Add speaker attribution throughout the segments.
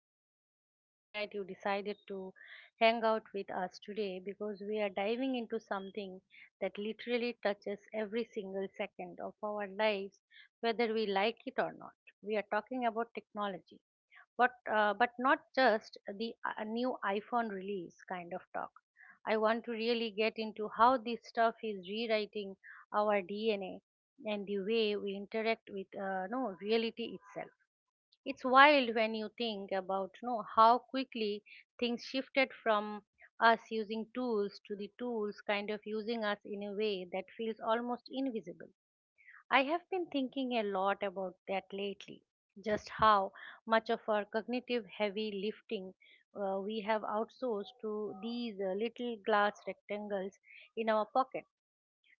Speaker 1: show. I'm so glad you decided to hang out with us today because we are diving into something that literally touches every single second of our lives, whether we like it or not. We are talking about technology, but not just the new iPhone release kind of talk. I want to really get into how this stuff is rewriting our DNA and the way we interact with no reality itself. It's wild when you think about how quickly things shifted from us using tools to the tools kind of using us in a way that feels almost invisible. I have been thinking a lot about that lately, just how much of our cognitive heavy lifting we have outsourced to these little glass rectangles in our pocket.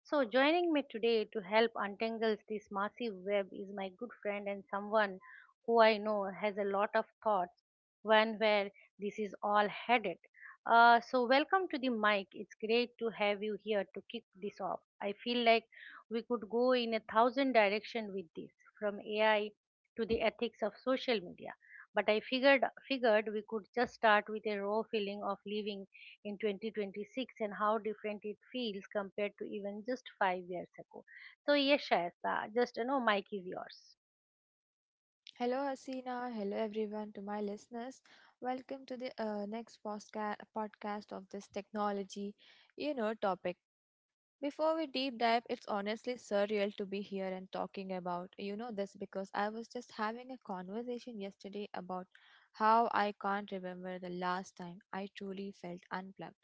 Speaker 1: So, joining me today to help untangle this massive web is my good friend and someone who I know has a lot of thoughts when where this is all headed. Welcome to the mic. It's great to have you here to kick this off. I feel like we could go in a thousand directions with this, from AI to the ethics of social media. But I figured we could just start with a raw feeling of living in 2026 and how different it feels compared to even just 5 years ago. So, yes, Shayesta, mic is yours.
Speaker 2: Hello, Asina. Hello, everyone, to my listeners. Welcome to the next podcast of this technology, topic. Before we deep dive, it's honestly surreal to be here and talking about, this because I was just having a conversation yesterday about how I can't remember the last time I truly felt unplugged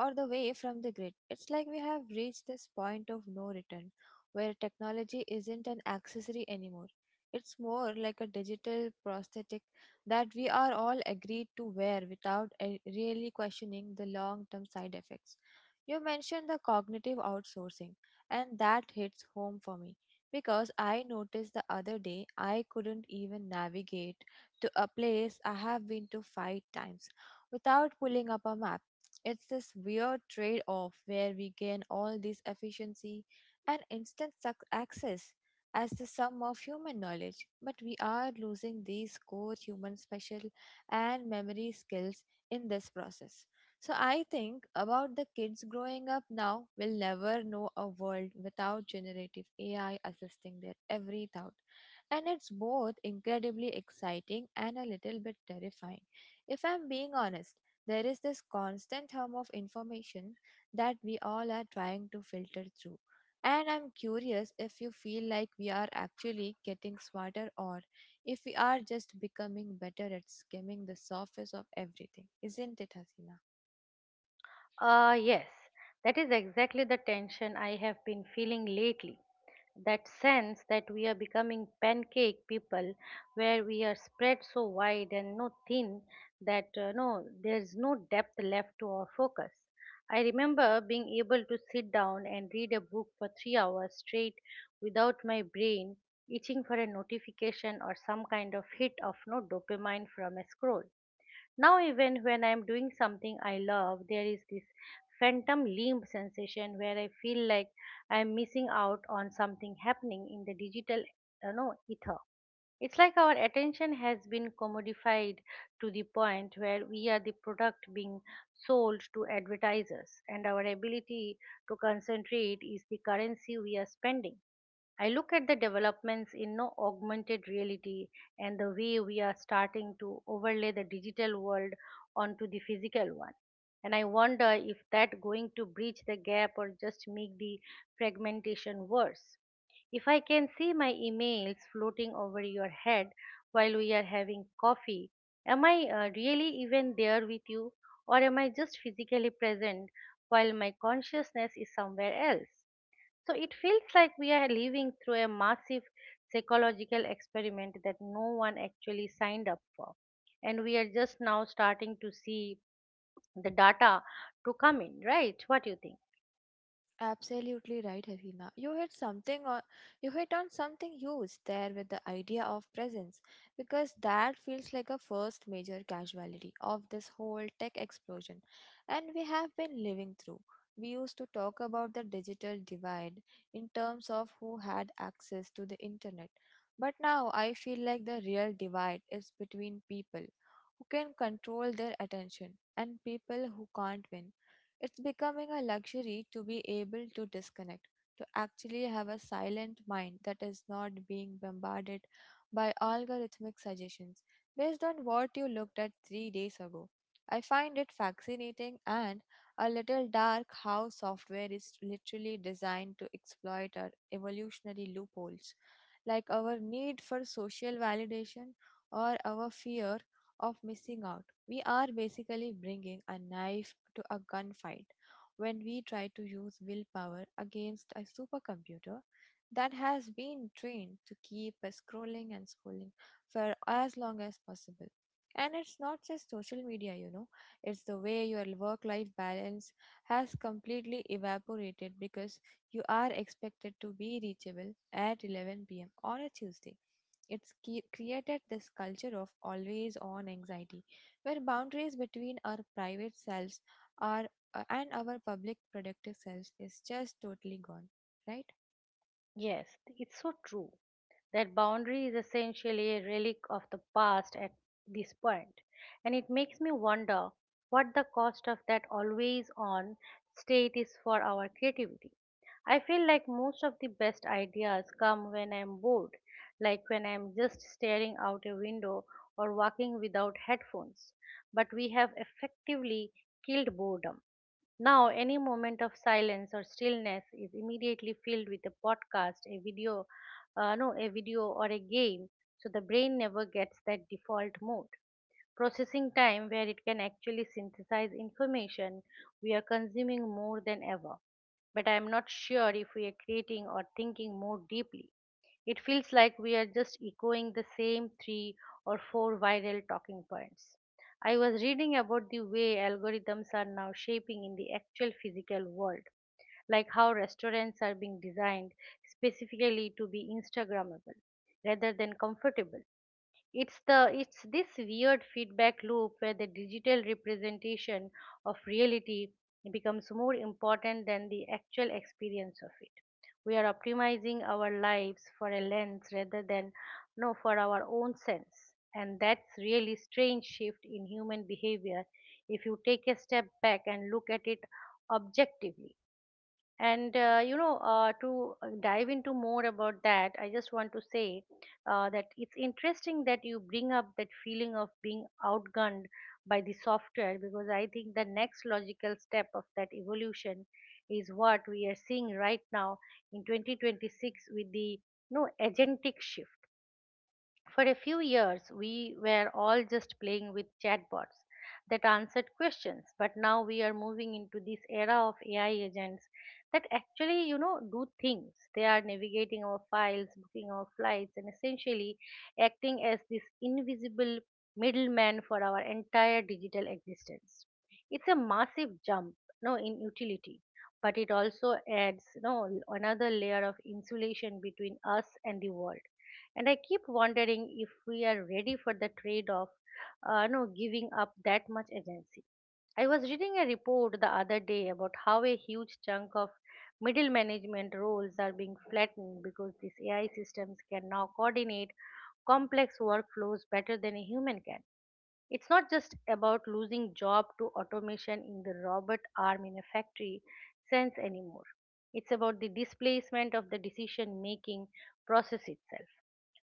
Speaker 2: or the way from the grid. It's like we have reached this point of no return where technology isn't an accessory anymore. It's more like a digital prosthetic that we are all agreed to wear without really questioning the long term side effects. You mentioned the cognitive outsourcing, and that hits home for me because I noticed the other day I couldn't even navigate to a place I have been to five times without pulling up a map. It's this weird trade off where we gain all this efficiency and instant access as the sum of human knowledge, but we are losing these core human special and memory skills in this process. So I think about the kids growing up now will never know a world without generative AI assisting their every thought. And it's both incredibly exciting and a little bit terrifying. If I'm being honest, there is this constant hum of information that we all are trying to filter through. And I'm curious if you feel like we are actually getting smarter or if we are just becoming better at skimming the surface of everything. Isn't it, Hasina?
Speaker 1: Yes, that is exactly the tension I have been feeling lately. That sense that we are becoming pancake people where we are spread so wide and thin that there's no depth left to our focus. I remember being able to sit down and read a book for 3 hours straight without my brain itching for a notification or some kind of hit of no dopamine from a scroll. Now, even when I'm doing something I love, there is this phantom limb sensation where I feel like I'm missing out on something happening in the digital, ether. It's like our attention has been commodified to the point where we are the product being sold to advertisers, and our ability to concentrate is the currency we are spending. I look at the developments in no augmented reality and the way we are starting to overlay the digital world onto the physical one. And I wonder if that going to bridge the gap or just make the fragmentation worse. If I can see my emails floating over your head while we are having coffee, am I really even there with you, or am I just physically present while my consciousness is somewhere else? So it feels like we are living through a massive psychological experiment that no one actually signed up for. And we are just now starting to see the data to come in, right? What do you think?
Speaker 2: Absolutely right, Hasina. You hit on something huge there with the idea of presence, because that feels like a first major casualty of this whole tech explosion, and we have been living through. We used to talk about the digital divide in terms of who had access to the internet, but now I feel like the real divide is between people who can control their attention and people who can't win. It's becoming a luxury to be able to disconnect, to actually have a silent mind that is not being bombarded by algorithmic suggestions based on what you looked at three days ago. I find it fascinating and a little dark how software is literally designed to exploit our evolutionary loopholes, like our need for social validation or our fear of missing out. We are basically bringing a knife to a gunfight when we try to use willpower against a supercomputer that has been trained to keep us scrolling and scrolling for as long as possible. And it's not just social media, it's the way your work life balance has completely evaporated because you are expected to be reachable at 11 p.m. on a Tuesday. It's created this culture of always on anxiety, where boundaries between our private selves are, and our public productive selves is just totally gone, right?
Speaker 1: Yes, it's so true. That boundary is essentially a relic of the past at this point, and it makes me wonder what the cost of that always on state is for our creativity. I feel like most of the best ideas come when I'm bored, like when I'm just staring out a window or walking without headphones. But we have effectively killed boredom. Now, any moment of silence or stillness is immediately filled with a podcast, a video, no, a video or a game, so the brain never gets that default mode. Processing time where it can actually synthesize information. We are consuming more than ever. But I am not sure if we are creating or thinking more deeply. It feels like we are just echoing the same 3 or 4 viral talking points. I was reading about the way algorithms are now shaping in the actual physical world, like how restaurants are being designed specifically to be Instagrammable rather than comfortable. It's this weird feedback loop where the digital representation of reality becomes more important than the actual experience of it. We are optimizing our lives for a lens rather than no for our own sense. And that's really strange shift in human behavior if you take a step back and look at it objectively. And you know, to dive into more about that, I just want to say that it's interesting that you bring up that feeling of being outgunned by the software, because I think the next logical step of that evolution is what we are seeing right now in 2026 with the agentic shift. For a few years, we were all just playing with chatbots that answered questions, but now we are moving into this era of AI agents that actually, you know, do things. They are navigating our files, booking our flights, and essentially acting as this invisible middleman for our entire digital existence. It's a massive jump, no, in utility, but it also adds, no, another layer of insulation between us and the world, and I keep wondering if we are ready for the trade off, no, giving up that much agency. I was reading a report the other day about how a huge chunk of middle management roles are being flattened because these AI systems can now coordinate complex workflows better than a human can. It's not just about losing job to automation in the robot arm in a factory sense anymore. It's about the displacement of the decision making process itself.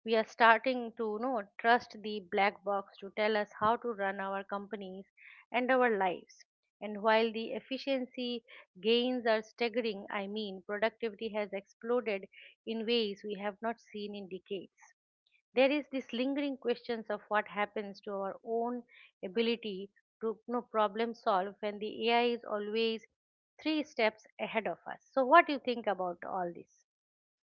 Speaker 1: We are starting to, you know, trust the black box to tell us how to run our companies and our lives. And while the efficiency gains are staggering, I mean productivity has exploded in ways we have not seen in decades, there is this lingering questions of what happens to our own ability to, you know, problem solve when the ai is always three steps ahead of us. So what do you think about all this?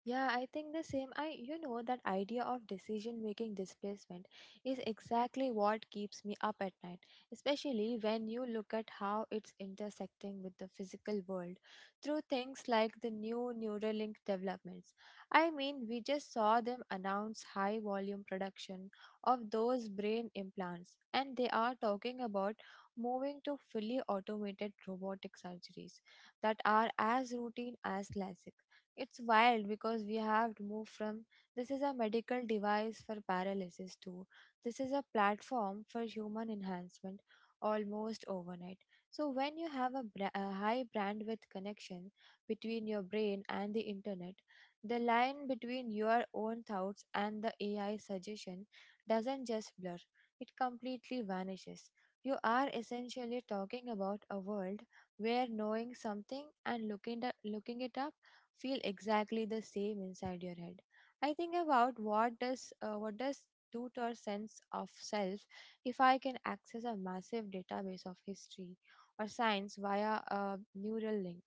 Speaker 2: Yeah, I think the same. That idea of decision making displacement is exactly what keeps me up at night, especially when you look at how it's intersecting with the physical world through things like the new Neuralink developments. I mean, we just saw them announce high volume production of those brain implants, and they are talking about moving to fully automated robotic surgeries that are as routine as LASIK. It's wild because we have moved from this is a medical device for paralysis to this is a platform for human enhancement almost overnight. So, when you have a high bandwidth connection between your brain and the internet, the line between your own thoughts and the AI suggestion doesn't just blur, it completely vanishes. You are essentially talking about a world where knowing something and looking it up feel exactly the same inside your head. I think about what does do to our sense of self if I can access a massive database of history or science via a neural link.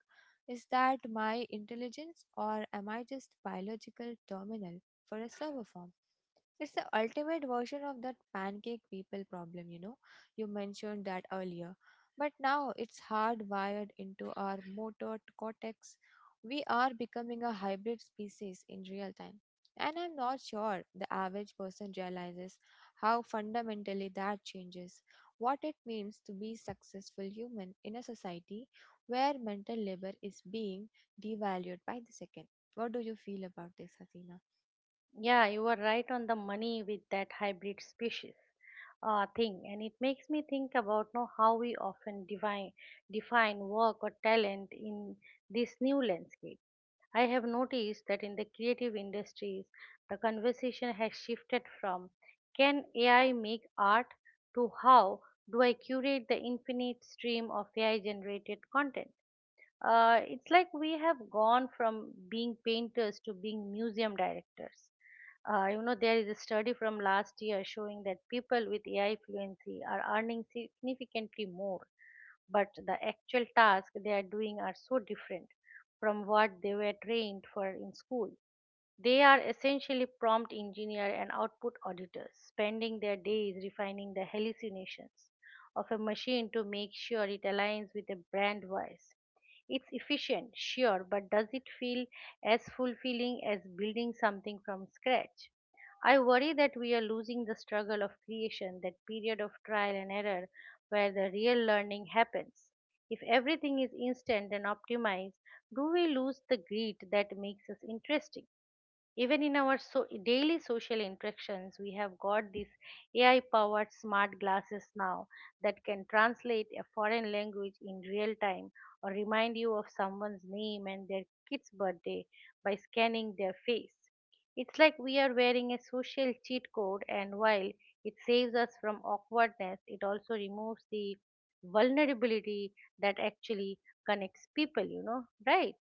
Speaker 2: Is that my intelligence or am I just biological terminal for a server farm? It's the ultimate version of that pancake people problem, you know. You mentioned that earlier. But now it's hardwired into our motor cortex. We are becoming a hybrid species in real time. And I'm not sure the average person realizes how fundamentally that changes what it means to be successful human in a society where mental labor is being devalued by the second. What do you feel about this, Hasina?
Speaker 1: Yeah, you are right on the money with that hybrid species thing, and it makes me think about know how we often define work or talent in this new landscape. I have noticed that in the creative industries, the conversation has shifted from can AI make art to how do I curate the infinite stream of AI generated content. It's like we have gone from being painters to being museum directors. There is a study from last year showing that people with AI fluency are earning significantly more, but the actual tasks they are doing are so different from what they were trained for in school. They are essentially prompt engineer and output auditors, spending their days refining the hallucinations of a machine to make sure it aligns with a brand voice. It's efficient, sure, but does it feel as fulfilling as building something from scratch? I worry that we are losing the struggle of creation, that period of trial and error where the real learning happens. If everything is instant and optimized, do we lose the grit that makes us interesting? Even in our daily social interactions, we have got these AI powered smart glasses now that can translate a foreign language in real time or remind you of someone's name and their kid's birthday by scanning their face. It's like we are wearing a social cheat code, and while it saves us from awkwardness, it also removes the vulnerability that actually connects people, you know, right?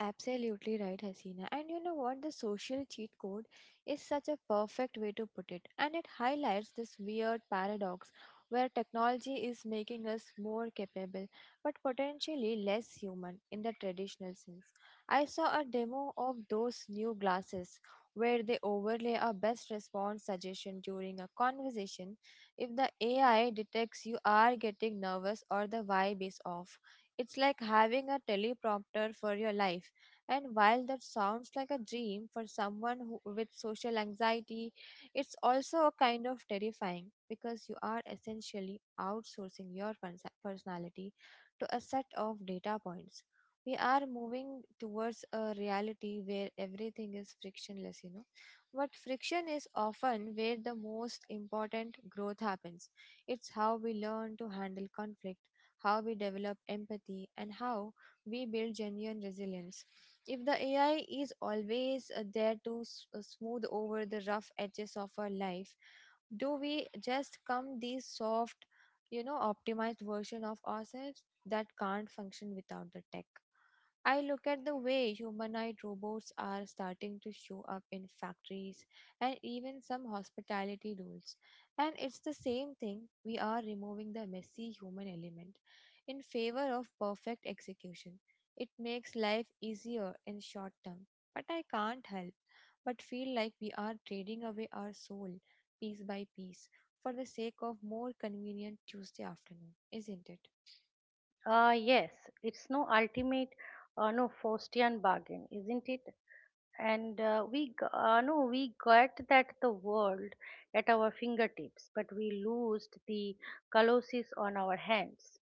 Speaker 2: Absolutely right, Hasina. And you know what? The social cheat code is such a perfect way to put it. And it highlights this weird paradox where technology is making us more capable but potentially less human in the traditional sense. I saw a demo of those new glasses where they overlay a best response suggestion during a conversation. If the AI detects you are getting nervous or the vibe is off, it's like having a teleprompter for your life, and while that sounds like a dream for someone who, with social anxiety, it's also a kind of terrifying because you are essentially outsourcing your personality to a set of data points. We are moving towards a reality where everything is frictionless, you know. But friction is often where the most important growth happens. It's how we learn to handle conflict, how we develop empathy, and how we build genuine resilience if the AI is always there to smooth over the rough edges of our life, do we just come these soft, you know, optimized version of ourselves that can't function without the tech? I look at the way humanoid robots are starting to show up in factories and even some hospitality roles. And it's the same thing, we are removing the messy human element in favor of perfect execution. It makes life easier in short term, but I can't help but feel like we are trading away our soul piece by piece for the sake of more convenient Tuesday afternoon, isn't it?
Speaker 1: Yes, it's ultimate, no Faustian bargain, isn't it? And we, g- no, we got that the world at our fingertips, but we lost the colossus on our hands.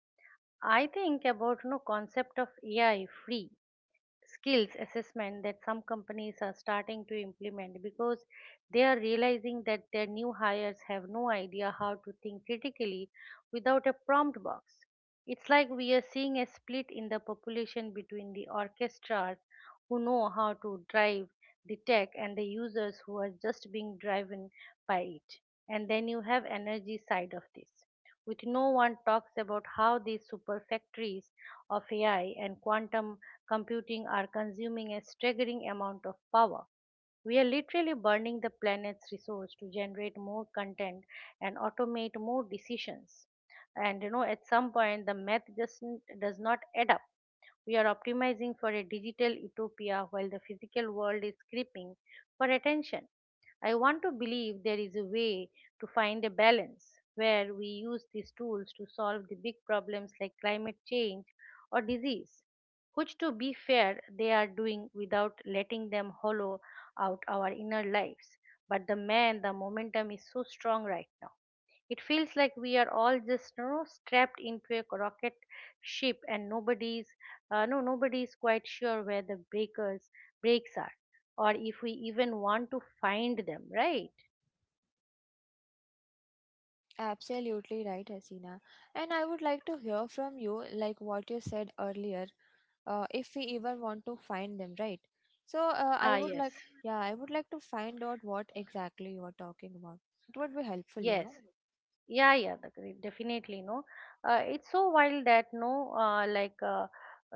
Speaker 1: I think about no concept of AI free skills assessment that some companies are starting to implement because they are realizing that their new hires have no idea how to think critically without a prompt box. It's like we are seeing a split in the population between the orchestras who know how to drive the tech and the users who are just being driven by it. And then you have energy side of this, which no one talks about how these super factories of AI and quantum computing are consuming a staggering amount of power. We are literally burning the planet's resource to generate more content and automate more decisions. And you know, at some point, the math just does not add up. We are optimizing for a digital utopia while the physical world is screaming for attention. I want to believe there is a way to find a balance where we use these tools to solve the big problems like climate change or disease, which, to be fair, they are doing without letting them hollow out our inner lives. But the momentum is so strong right now. It feels like we are all just strapped into a rocket ship, and nobody's no nobody is quite sure where the breakers breaks are, or if we even want to find them, right?
Speaker 2: Absolutely right, Hasina. And I would like to hear from you, like what you said earlier, if we even want to find them, right? So uh, I
Speaker 1: Ah,
Speaker 2: would
Speaker 1: yes,
Speaker 2: like, yeah, I would like to find out what exactly you are talking about. It would be helpful, you
Speaker 1: yes,
Speaker 2: know.
Speaker 1: yeah, yeah, definitely. No, It's so wild that no, like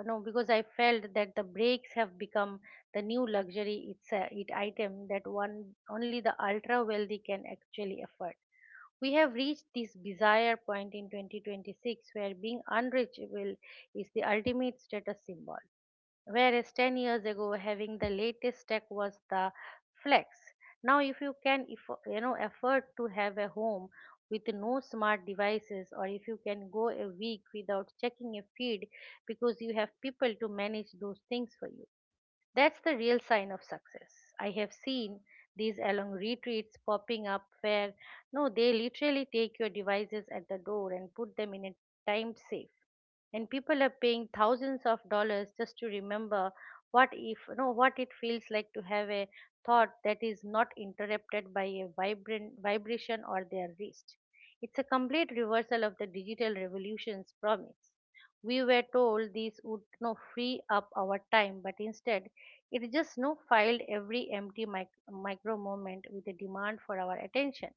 Speaker 1: no, because I felt that the brakes have become the new luxury. It's a it item that one only the ultra wealthy can actually afford. We have reached this bizarre point in 2026 where being unreachable is the ultimate status symbol. Whereas 10 years ago, having the latest tech was the flex. Now, if afford to have a home with no smart devices, or if you can go a week without checking a feed because you have people to manage those things for you, that's the real sign of success. I have seen these along retreats popping up where no, they literally take your devices at the door and put them in a time safe, and people are paying thousands of dollars just to remember what if you know what it feels like to have a thought that is not interrupted by a vibrant vibration or their wrist. It's a complete reversal of the digital revolution's promise. We were told this would no free up our time, but instead it just no filed every empty micro moment with a demand for our attention.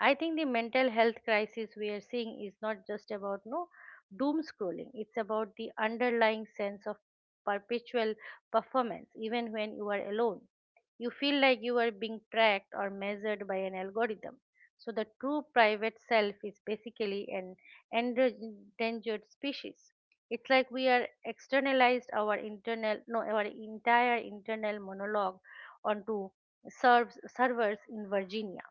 Speaker 1: I think the mental health crisis we are seeing is not just about no doom scrolling. It's about the underlying sense of perpetual performance, even when you are alone. You feel like you are being tracked or measured by an algorithm. So the true private self is basically an endangered species. It's like we are externalized our internal no our entire internal monologue onto serves servers in Virginia,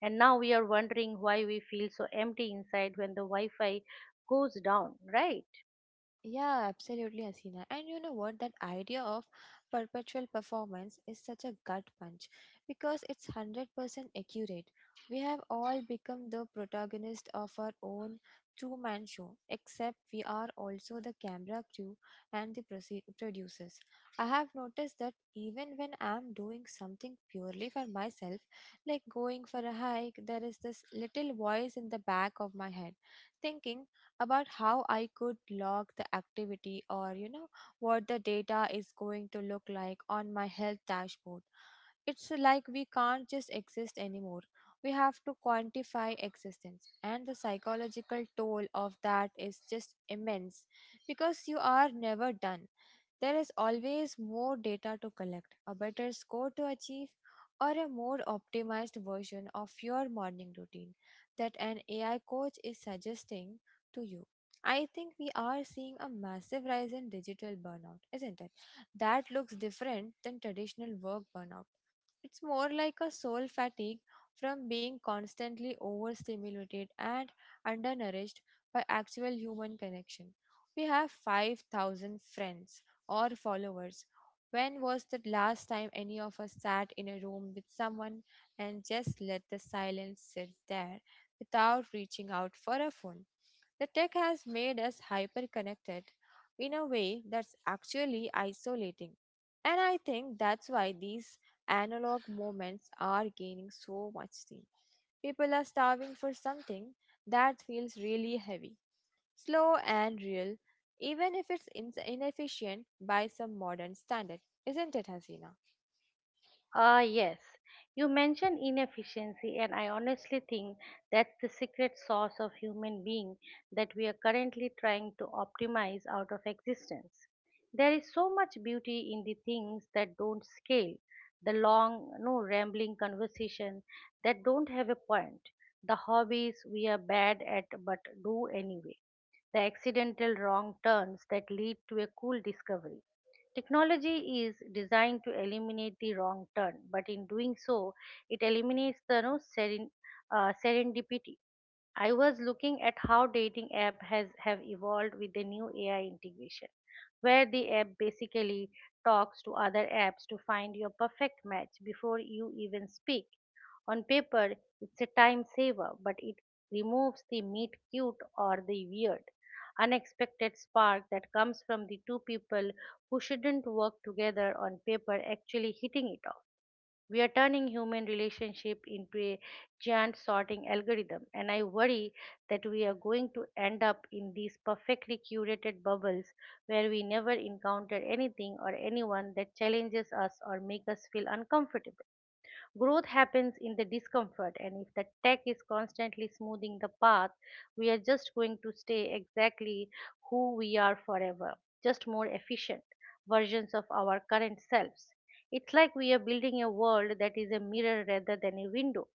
Speaker 1: and now we are wondering why we feel so empty inside when the Wi Fi goes down, right?
Speaker 2: Yeah, absolutely, Asina. And you know what? That idea of perpetual performance is such a gut punch because it's 100% accurate. We have all become the protagonist of our own two-man show, except we are also the camera crew and the producers. I have noticed that even when I'm doing something purely for myself, like going for a hike, there is this little voice in the back of my head thinking about how I could log the activity or, you know, what the data is going to look like on my health dashboard. It's like we can't just exist anymore. We have to quantify existence, and the psychological toll of that is just immense because you are never done. There is always more data to collect, a better score to achieve, or a more optimized version of your morning routine that an AI coach is suggesting to you. I think we are seeing a massive rise in digital burnout, isn't it? That looks different than traditional work burnout. It's more like a soul fatigue from being constantly overstimulated and undernourished by actual human connection. We have 5,000 friends or followers. When was the last time any of us sat in a room with someone and just let the silence sit there without reaching out for a phone? The tech has made us hyper connected in a way that's actually isolating. And I think that's why these analog moments are gaining so much steam. People are starving for something that feels really heavy, slow, and real, even if it's inefficient by some modern standard. Isn't it, Hasina?
Speaker 1: Ah, yes. You mentioned inefficiency, and I honestly think that's the secret sauce of human being that we are currently trying to optimize out of existence. There is so much beauty in the things that don't scale, the long, rambling conversation that don't have a point, the hobbies we are bad at but do anyway, the accidental wrong turns that lead to a cool discovery. Technology is designed to eliminate the wrong turn, but in doing so, it eliminates the no, seren- serendipity. I was looking at how dating app has have evolved with the new AI integration, where the app basically talks to other apps to find your perfect match before you even speak. On paper, it's a time saver, but it removes the meet cute or the weird, unexpected spark that comes from the two people who shouldn't work together on paper actually hitting it off. We are turning human relationship into a giant sorting algorithm, and I worry that we are going to end up in these perfectly curated bubbles where we never encounter anything or anyone that challenges us or makes us feel uncomfortable. Growth happens in the discomfort, and if the tech is constantly smoothing the path, we are just going to stay exactly who we are forever, just more efficient versions of our current selves. It's like we are building a world that is a mirror rather than a window.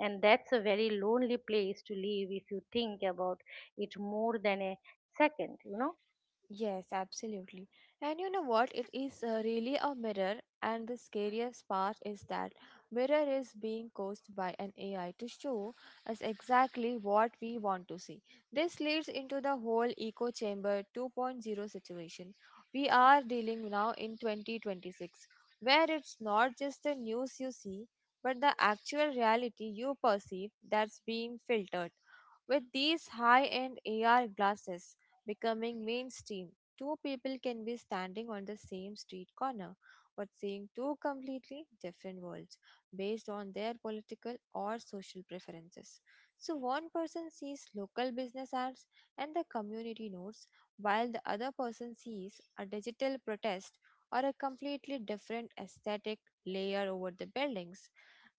Speaker 1: And that's a very lonely place to live if you think about it more than a second, you know.
Speaker 2: Yes, absolutely. And you know what? It is really a mirror, and the scariest part is that mirror is being caused by an AI to show us exactly what we want to see. This leads into the whole echo chamber 2.0 situation we are dealing now in 2026, where it's not just the news you see, but the actual reality you perceive that's being filtered with these high end AR glasses becoming mainstream. Two people can be standing on the same street corner but seeing two completely different worlds based on their political or social preferences. So, one person sees local business ads and the community notes, while the other person sees a digital protest or a completely different aesthetic layer over the buildings.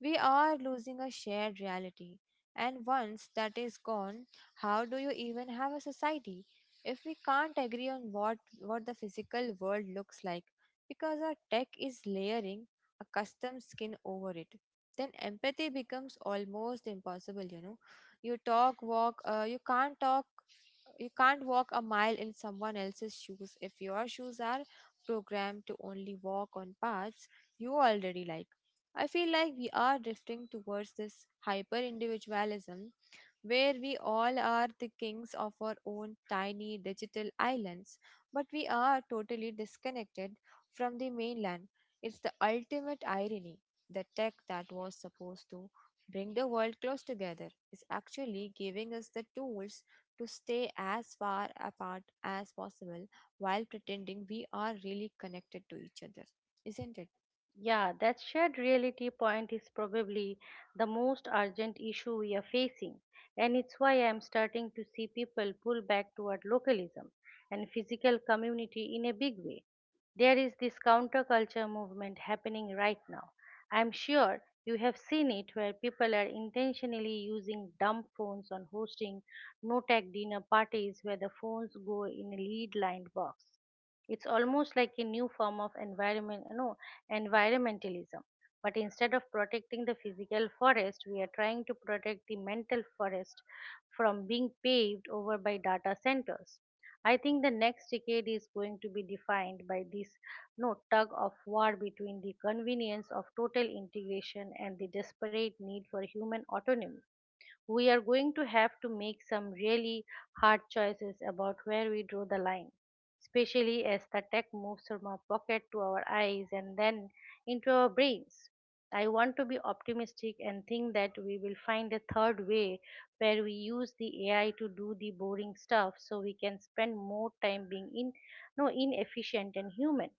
Speaker 2: We are losing a shared reality. And once that is gone, how do you even have a society? If we can't agree on what the physical world looks like because our tech is layering a custom skin over it, then empathy becomes almost impossible. You talk walk you can't talk You can't walk a mile in someone else's shoes if your shoes are programmed to only walk on paths you already like. I feel like we are drifting towards this hyper individualism where we all are the kings of our own tiny digital islands, but we are totally disconnected from the mainland. It's the ultimate irony. The tech that was supposed to bring the world close together is actually giving us the tools to stay as far apart as possible while pretending we are really connected to each other. Isn't it?
Speaker 1: Yeah, that shared reality point is probably the most urgent issue we are facing, and it's why I am starting to see people pull back toward localism and physical community in a big way. There is this counterculture movement happening right now. I'm sure you have seen it, where people are intentionally using dumb phones on hosting no tech dinner parties where the phones go in a lead lined box. It's almost like a new form of environment, no, environmentalism. But instead of protecting the physical forest, we are trying to protect the mental forest from being paved over by data centers. I think the next decade is going to be defined by this no tug of war between the convenience of total integration and the desperate need for human autonomy. We are going to have to make some really hard choices about where we draw the line, especially as the tech moves from our pocket to our eyes and then into our brains. I want to be optimistic and think that we will find a third way where we use the AI to do the boring stuff so we can spend more time being in no inefficient and human,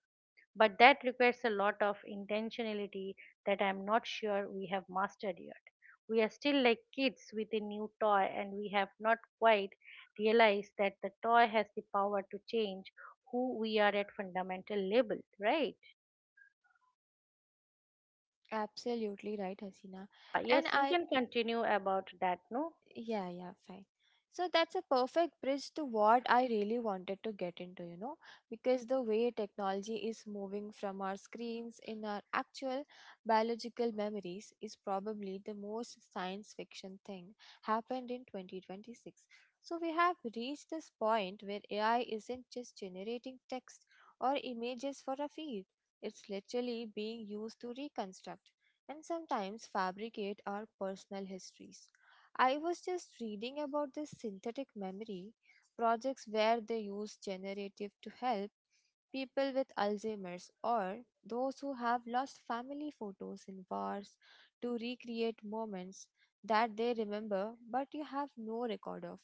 Speaker 1: but that requires a lot of intentionality that I'm not sure we have mastered yet. We are still like kids with a new toy, and we have not quite realized that the toy has the power to change who we are at fundamental level, right?
Speaker 2: Absolutely right, Hasina.
Speaker 1: Yeah,
Speaker 2: And
Speaker 1: yes, you
Speaker 2: I
Speaker 1: can continue about that, no?
Speaker 2: Yeah, fine. So that's a perfect bridge to what I really wanted to get into, because the way technology is moving from our screens in our actual biological memories is probably the most science fiction thing happened in 2026. So we have reached this point where AI isn't just generating text or images for a feed. It's literally being used to reconstruct and sometimes fabricate our personal histories. I was just reading about this synthetic memory projects where they use generative to help people with Alzheimer's, or those who have lost family photos in wars, to recreate moments that they remember but you have no record of.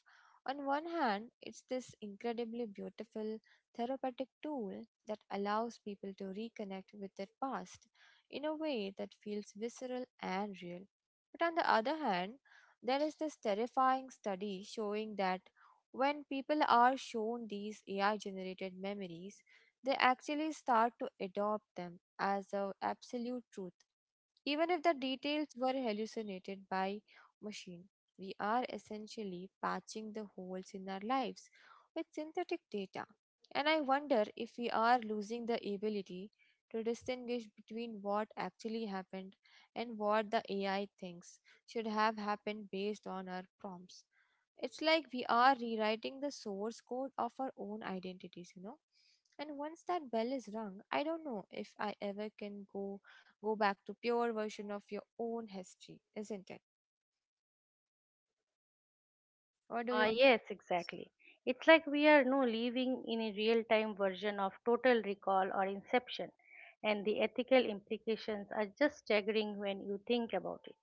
Speaker 2: On one hand, it's this incredibly beautiful therapeutic tool that allows people to reconnect with their past in a way that feels visceral and real. But on the other hand, there is this terrifying study showing that when people are shown these AI generated memories, they actually start to adopt them as a absolute truth. Even if the details were hallucinated by machine, we are essentially patching the holes in our lives with synthetic data. And I wonder if we are losing the ability to distinguish between what actually happened and what the AI thinks should have happened based on our prompts. It's like we are rewriting the source code of our own identities. And once that bell is rung, I don't know if I ever can go back to pure version of your own history, isn't it? What do you—
Speaker 1: Yes, exactly. It's like we are no living in a real-time version of Total Recall or Inception, and the ethical implications are just staggering when you think about it.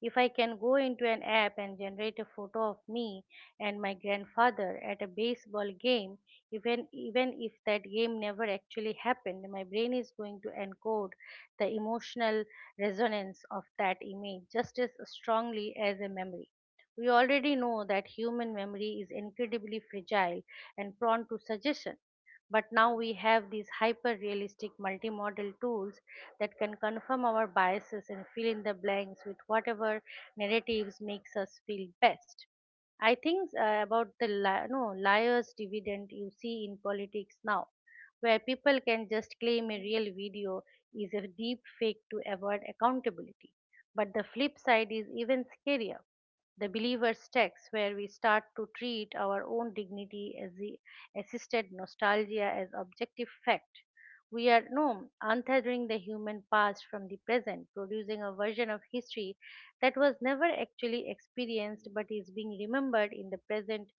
Speaker 1: If I can go into an app and generate a photo of me and my grandfather at a baseball game, even if that game never actually happened, my brain is going to encode the emotional resonance of that image just as strongly as a memory. We already know that human memory is incredibly fragile and prone to suggestion. But now we have these hyper realistic multimodal tools that can confirm our biases and fill in the blanks with whatever narratives makes us feel best. I think about the li- no liars dividend you see in politics now, where people can just claim a real video is a deep fake to avoid accountability. But the flip side is even scarier, the believer's text, where we start to treat our own dignity as the assisted nostalgia as objective fact. We are no untethering the human past from the present, producing a version of history that was never actually experienced but is being remembered in the present,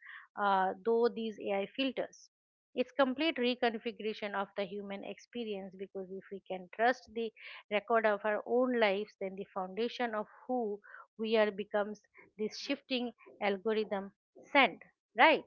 Speaker 1: though these AI filters. It's complete reconfiguration of the human experience because if we can trust the record of our own lives, then the foundation of who we are becomes this shifting algorithm sand, right?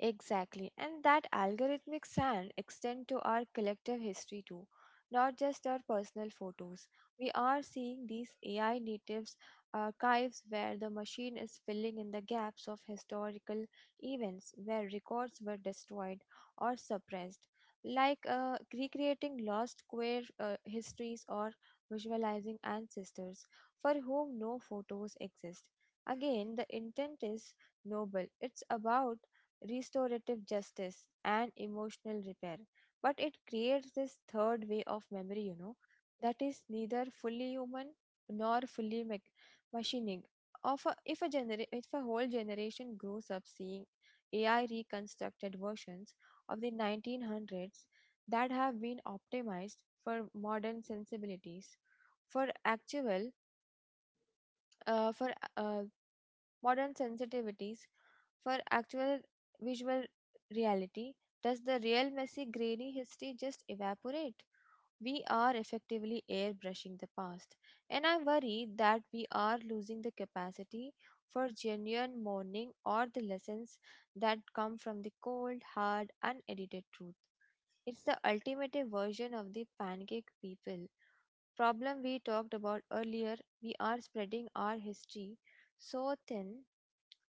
Speaker 2: Exactly. And that algorithmic sand extend to our collective history too, not just our personal photos. We are seeing these AI natives archives where the machine is filling in the gaps of historical events where records were destroyed or suppressed, like recreating lost queer histories or visualizing ancestors for whom no photos exist. Again, the intent is noble. It's about restorative justice, and emotional repair. But it creates this third way of memory, that is neither fully human nor fully mech machining. Of a, if a genera- If a whole generation grows up seeing AI reconstructed versions of the 1900s that have been optimized for modern sensibilities, for actual for uh, modern sensitivities, for actual visual reality, does the real messy, grainy history just evaporate? We are effectively airbrushing the past, and I worry that we are losing the capacity for genuine mourning or the lessons that come from the cold, hard, unedited truth. It's the ultimate version of the pancake people problem we talked about earlier. We are spreading our history so thin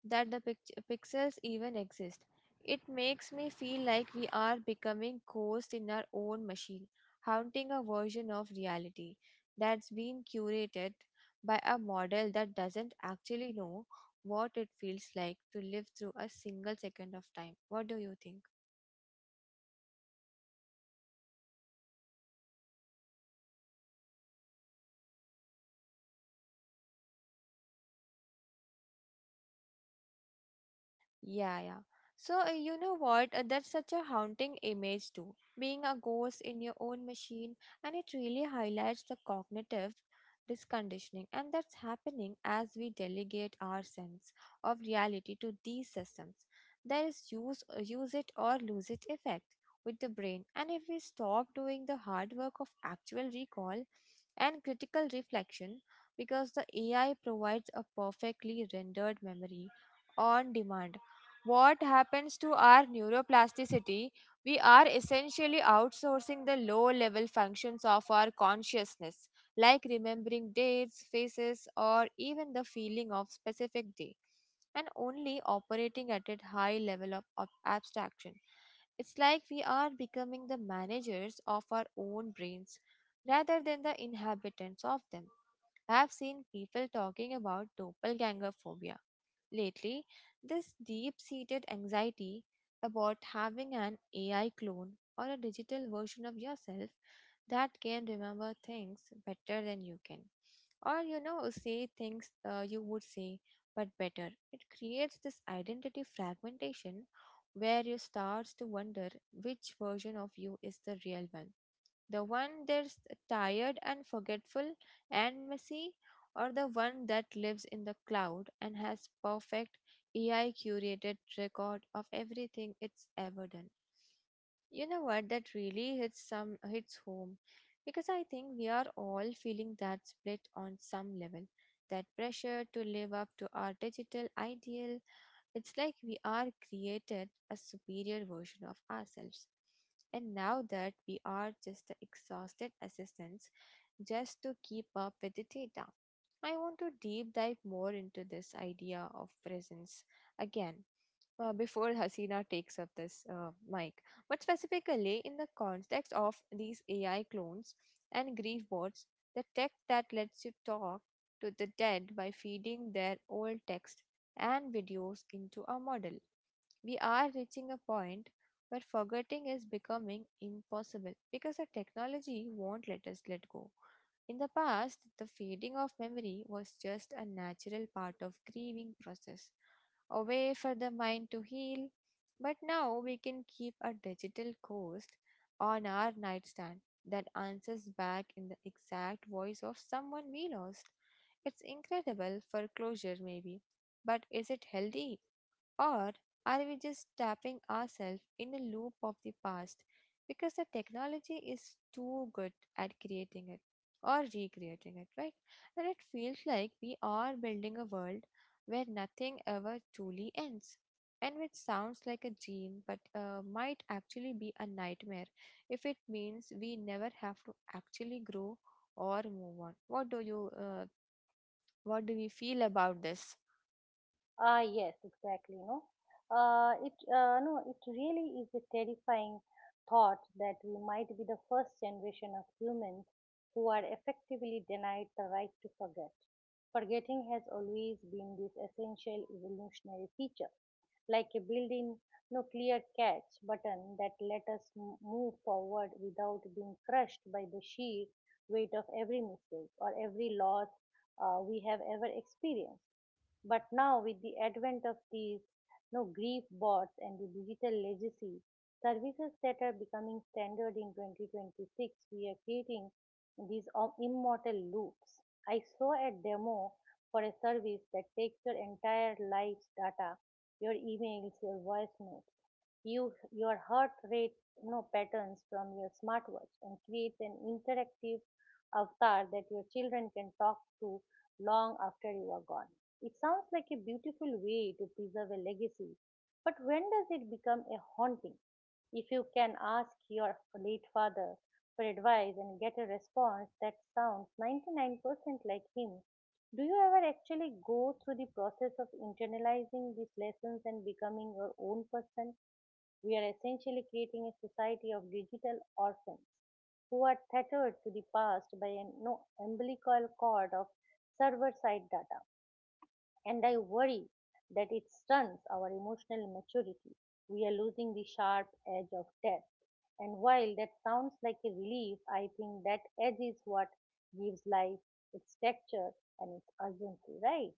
Speaker 2: that the pixels even exist. It makes me feel like we are becoming ghosts in our own machine, haunting a version of reality that's been curated by a model that doesn't actually know what it feels like to live through a single second of time. What do you think? Yeah, yeah. So, you know what? That's such a haunting image, too. Being a ghost in your own machine, and it really highlights the cognitive disconditioning, and that's happening as we delegate our sense of reality to these systems. There is use it or lose it effect with the brain, and if we stop doing the hard work of actual recall and critical reflection, because the AI provides a perfectly rendered memory on demand, what happens to our neuroplasticity? We are essentially outsourcing the low level functions of our consciousness, like remembering dates, faces, or even the feeling of specific day, and only operating at a high level of abstraction. It's like we are becoming the managers of our own brains rather than the inhabitants of them. I have seen people talking about doppelganger phobia lately, this deep seated anxiety about having an AI clone or a digital version of yourself that can remember things better than you can, or you know, say things you would say but better. It creates this identity fragmentation where you start to wonder which version of you is the real one: the one that's tired and forgetful and messy, or the one that lives in the cloud and has perfect AI curated record of everything it's ever done. You know what, that really hits home because I think we are all feeling that split on some level. That pressure to live up to our digital ideal, it's like we are created a superior version of ourselves. And now that we are just the exhausted assistants just to keep up with the data. I want to deep dive more into this idea of presence again, before Hasina takes up this mic, but specifically in the context of these AI clones and grief bots, the tech that lets you talk to the dead by feeding their old text and videos into a model. We are reaching a point where forgetting is becoming impossible because the technology won't let us let go. In the past, the fading of memory was just a natural part of grieving process, a way for the mind to heal. But now we can keep a digital ghost on our nightstand that answers back in the exact voice of someone we lost. It's incredible for closure, maybe, but is it healthy? Or are we just tapping ourselves in a loop of the past because the technology is too good at creating it or recreating it, right? And it feels like we are building a world where nothing ever truly ends. And which sounds like a dream, but might actually be a nightmare if it means we never have to actually grow or move on. What do what do we feel about this?
Speaker 1: Ah, yes, exactly. No, it no, It really is a terrifying thought that we might be the first generation of humans who are effectively denied the right to forget. Forgetting has always been this essential evolutionary feature, like a built-in no clear catch button that let us move forward without being crushed by the sheer weight of every mistake or every loss we have ever experienced. But now, with the advent of these no grief bots and the digital legacy, services that are becoming standard in 2026, we are creating these immortal loops. I saw a demo for a service that takes your entire life's data, your emails, your voice notes, your heart rate, you know, patterns from your smartwatch, and creates an interactive avatar that your children can talk to long after you are gone. It sounds like a beautiful way to preserve a legacy, but when does it become a haunting? If you can ask your late father for advice and get a response that sounds 99% like him, do you ever actually go through the process of internalizing these lessons and becoming your own person? We are essentially creating a society of digital orphans who are tethered to the past by an no, umbilical cord of server side data. And I worry that it stunts our emotional maturity. We are losing the sharp edge of death. And while that sounds like a relief, I think that edge is what gives life its texture and its urgency, right?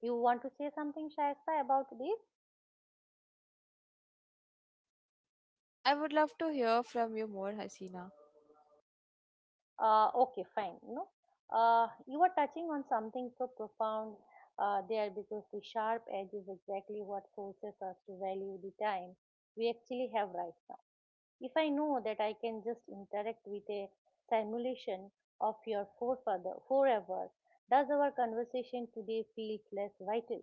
Speaker 1: You want to say something, Shaista, about this?
Speaker 2: I would love to hear from you more, Hasina.
Speaker 1: Okay, fine. No, You are touching on something so profound there, because the sharp edge is exactly what forces us to value the time we actually have right now. If I know that I can just interact with a simulation of your forefather forever, does our conversation today feel less vital?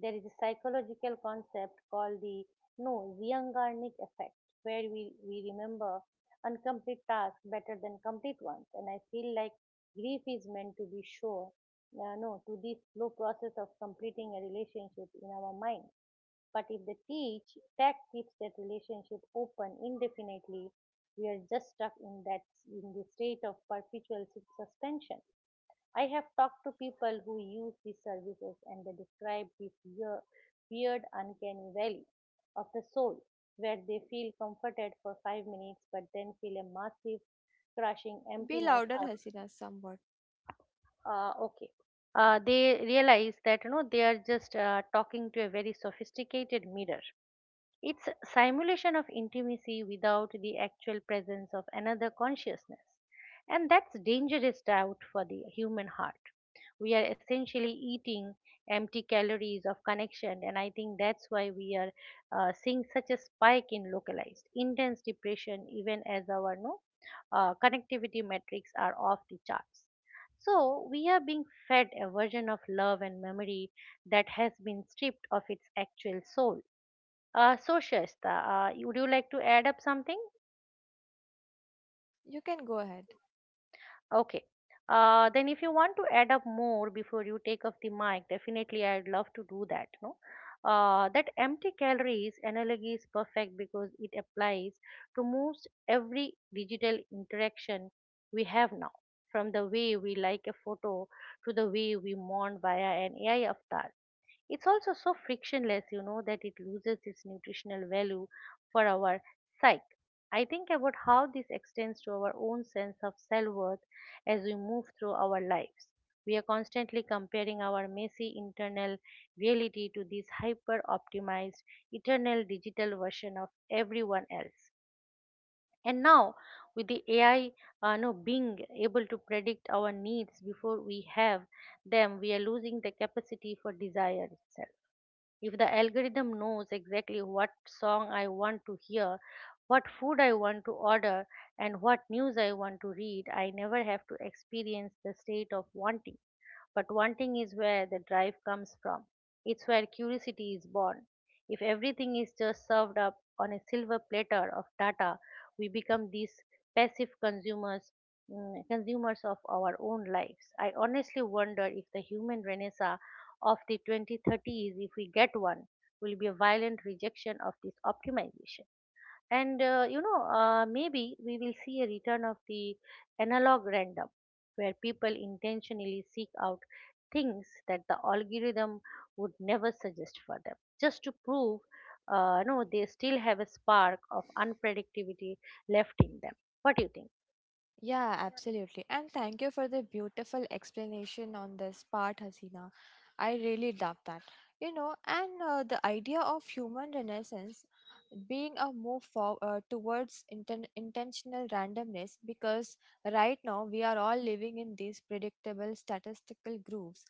Speaker 1: There is a psychological concept called the no Zyungarnik effect, where we remember incomplete tasks better than complete ones. And I feel like grief is meant to be sure, no, to this slow process of completing a relationship in our mind. But if the teach, that keeps that relationship open indefinitely. We are just stuck in that, in the state of perpetual suspension. I have talked to people who use these services, and they describe this weird, uncanny valley of the soul where they feel comforted for 5 minutes but then feel a massive, crushing
Speaker 2: Be
Speaker 1: emptiness
Speaker 2: louder,
Speaker 1: after.
Speaker 2: Hasina, somewhat.
Speaker 1: Okay, they realize that you know they are just talking to a very sophisticated mirror. It's simulation of intimacy without the actual presence of another consciousness. And that's dangerous doubt for the human heart. We are essentially eating empty calories of connection, and I think that's why we are seeing such a spike in localized intense depression, even as our no connectivity metrics are off the charts. So we are being fed a version of love and memory that has been stripped of its actual soul. So, Shasta, would you like to add up something?
Speaker 2: You can go ahead.
Speaker 1: Okay. Then, if you want to add up more before you take off the mic, definitely I'd love to do that. No, that empty calories analogy is perfect because it applies to most every digital interaction we have now, from the way we like a photo to the way we mourn via an AI avatar. It's also so frictionless, you know, that it loses its nutritional value for our psyche. I think about how this extends to our own sense of self worth as we move through our lives. We are constantly comparing our messy internal reality to this hyper optimized, eternal digital version of everyone else. And now, with the AI no, being able to predict our needs before we have them, we are losing the capacity for desire itself. If the algorithm knows exactly what song I want to hear, what food I want to order, and what news I want to read, I never have to experience the state of wanting. But wanting is where the drive comes from. It's where curiosity is born. If everything is just served up on a silver platter of data, we become these passive consumers of our own lives. I honestly wonder if the human renaissance of the 2030s, if we get one, will be a violent rejection of this optimization. And maybe we will see a return of the analog random, where people intentionally seek out things that the algorithm would never suggest for them, just to prove, no, they still have a spark of unpredictability left in them. What do you think?
Speaker 2: Yeah, absolutely. And thank you for the beautiful explanation on this part, Hasina. I really love that. You know, and the idea of human renaissance being a move towards intentional randomness, because right now we are all living in these predictable statistical grooves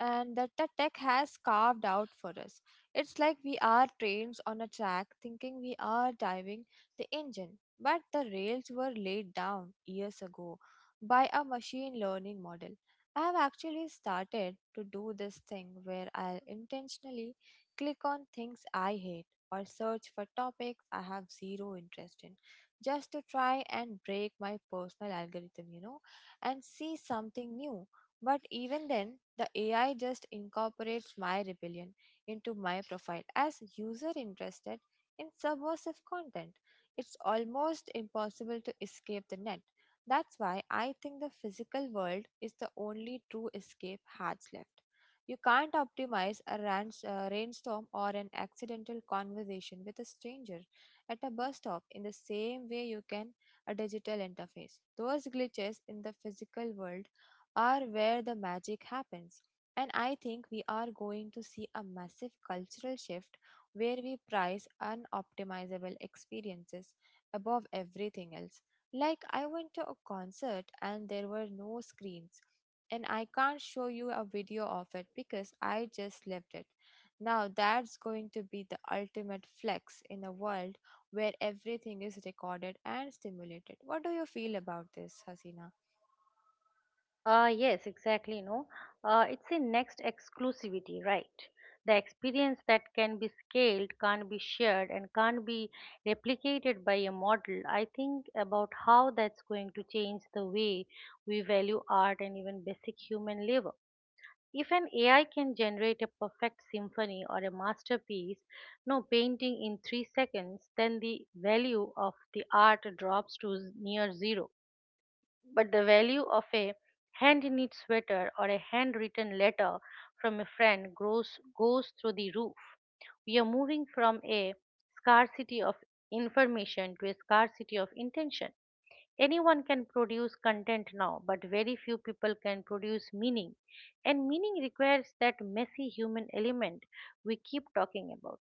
Speaker 2: and that the tech has carved out for us. It's like we are trains on a track thinking we are driving the engine, but the rails were laid down years ago by a machine learning model. I have actually started to do this thing where I'll intentionally click on things I hate or search for topics I have zero interest in just to try and break my personal algorithm, you know, and see something new. But even then, the AI just incorporates my rebellion into my profile as user interested in subversive content. It's almost impossible to escape the net. That's why I think the physical world is the only true escape Hats left. You can't optimize a rainstorm or an accidental conversation with a stranger at a bus stop in the same way you can a digital interface. Those glitches in the physical world are where the magic happens. And I think we are going to see a massive cultural shift where we prize unoptimizable experiences above everything else. Like, I went to a concert and there were no screens, and I can't show you a video of it because I just left it. Now, that's going to be the ultimate flex in a world where everything is recorded and stimulated. What do you feel about this, Hasina?
Speaker 1: Yes, exactly. No, it's a next exclusivity, right? The experience that can be scaled, can't be shared, and can't be replicated by a model. I think about how that's going to change the way we value art and even basic human labor. If an AI can generate a perfect symphony or a masterpiece, no painting in 3 seconds, then the value of the art drops to near zero, but the value of a hand knit sweater or a handwritten letter from a friend grows, goes through the roof. We are moving from a scarcity of information to a scarcity of intention. Anyone can produce content now, but very few people can produce meaning. And meaning requires that messy human element we keep talking about.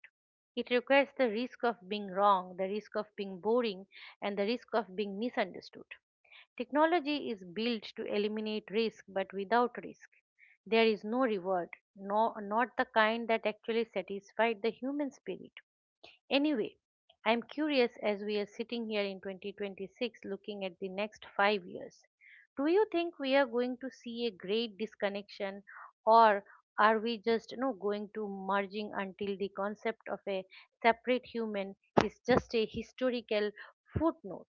Speaker 1: It requires the risk of being wrong, the risk of being boring, and the risk of being misunderstood. Technology is built to eliminate risk, but without risk, there is no reward, no, not the kind that actually satisfied the human spirit. Anyway, I am curious as we are sitting here in 2026 looking at the next 5 years. Do you think we are going to see a great disconnection, or are we just, you know, going to merging until the concept of a separate human is just a historical footnote?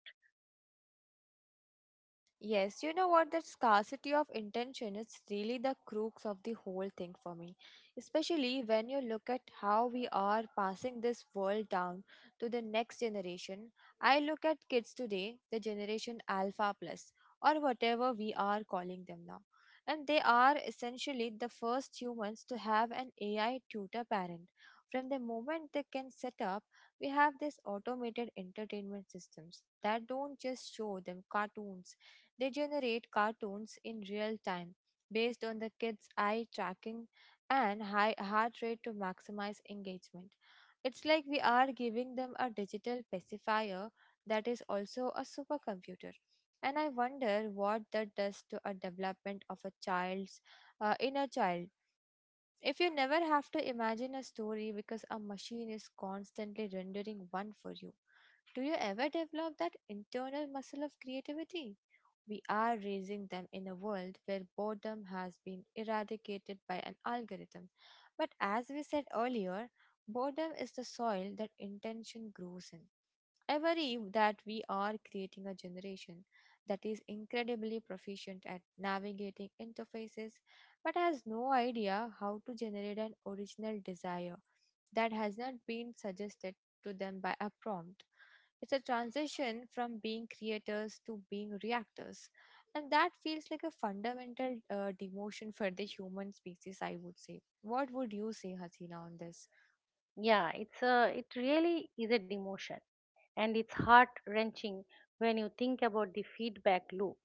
Speaker 2: Yes, you know what? That scarcity of intention is really the crux of the whole thing for me. Especially when you look at how we are passing this world down to the next generation. I look at kids today, the generation Alpha Plus, or whatever we are calling them now. And they are essentially the first humans to have an AI tutor parent. From the moment they can set up, we have these automated entertainment systems that don't just show them cartoons, they generate cartoons in real time based on the kids' eye tracking and high heart rate to maximize engagement. It's like we are giving them a digital pacifier that is also a supercomputer. And I wonder what that does to a development of a child's inner child, if you never have to imagine a story because a machine is constantly rendering one for you, do you ever develop that internal muscle of creativity? We are raising them in a world where boredom has been eradicated by an algorithm. But as we said earlier, boredom is the soil that intention grows in. I worry that we are creating a generation that is incredibly proficient at navigating interfaces but has no idea how to generate an original desire that has not been suggested to them by a prompt. It's a transition from being creators to being reactors, and that feels like a fundamental demotion for the human species, I would say. What would you say, Hasina, on this?
Speaker 1: Yeah, it really is an emotion, and it's heart wrenching when you think about the feedback loop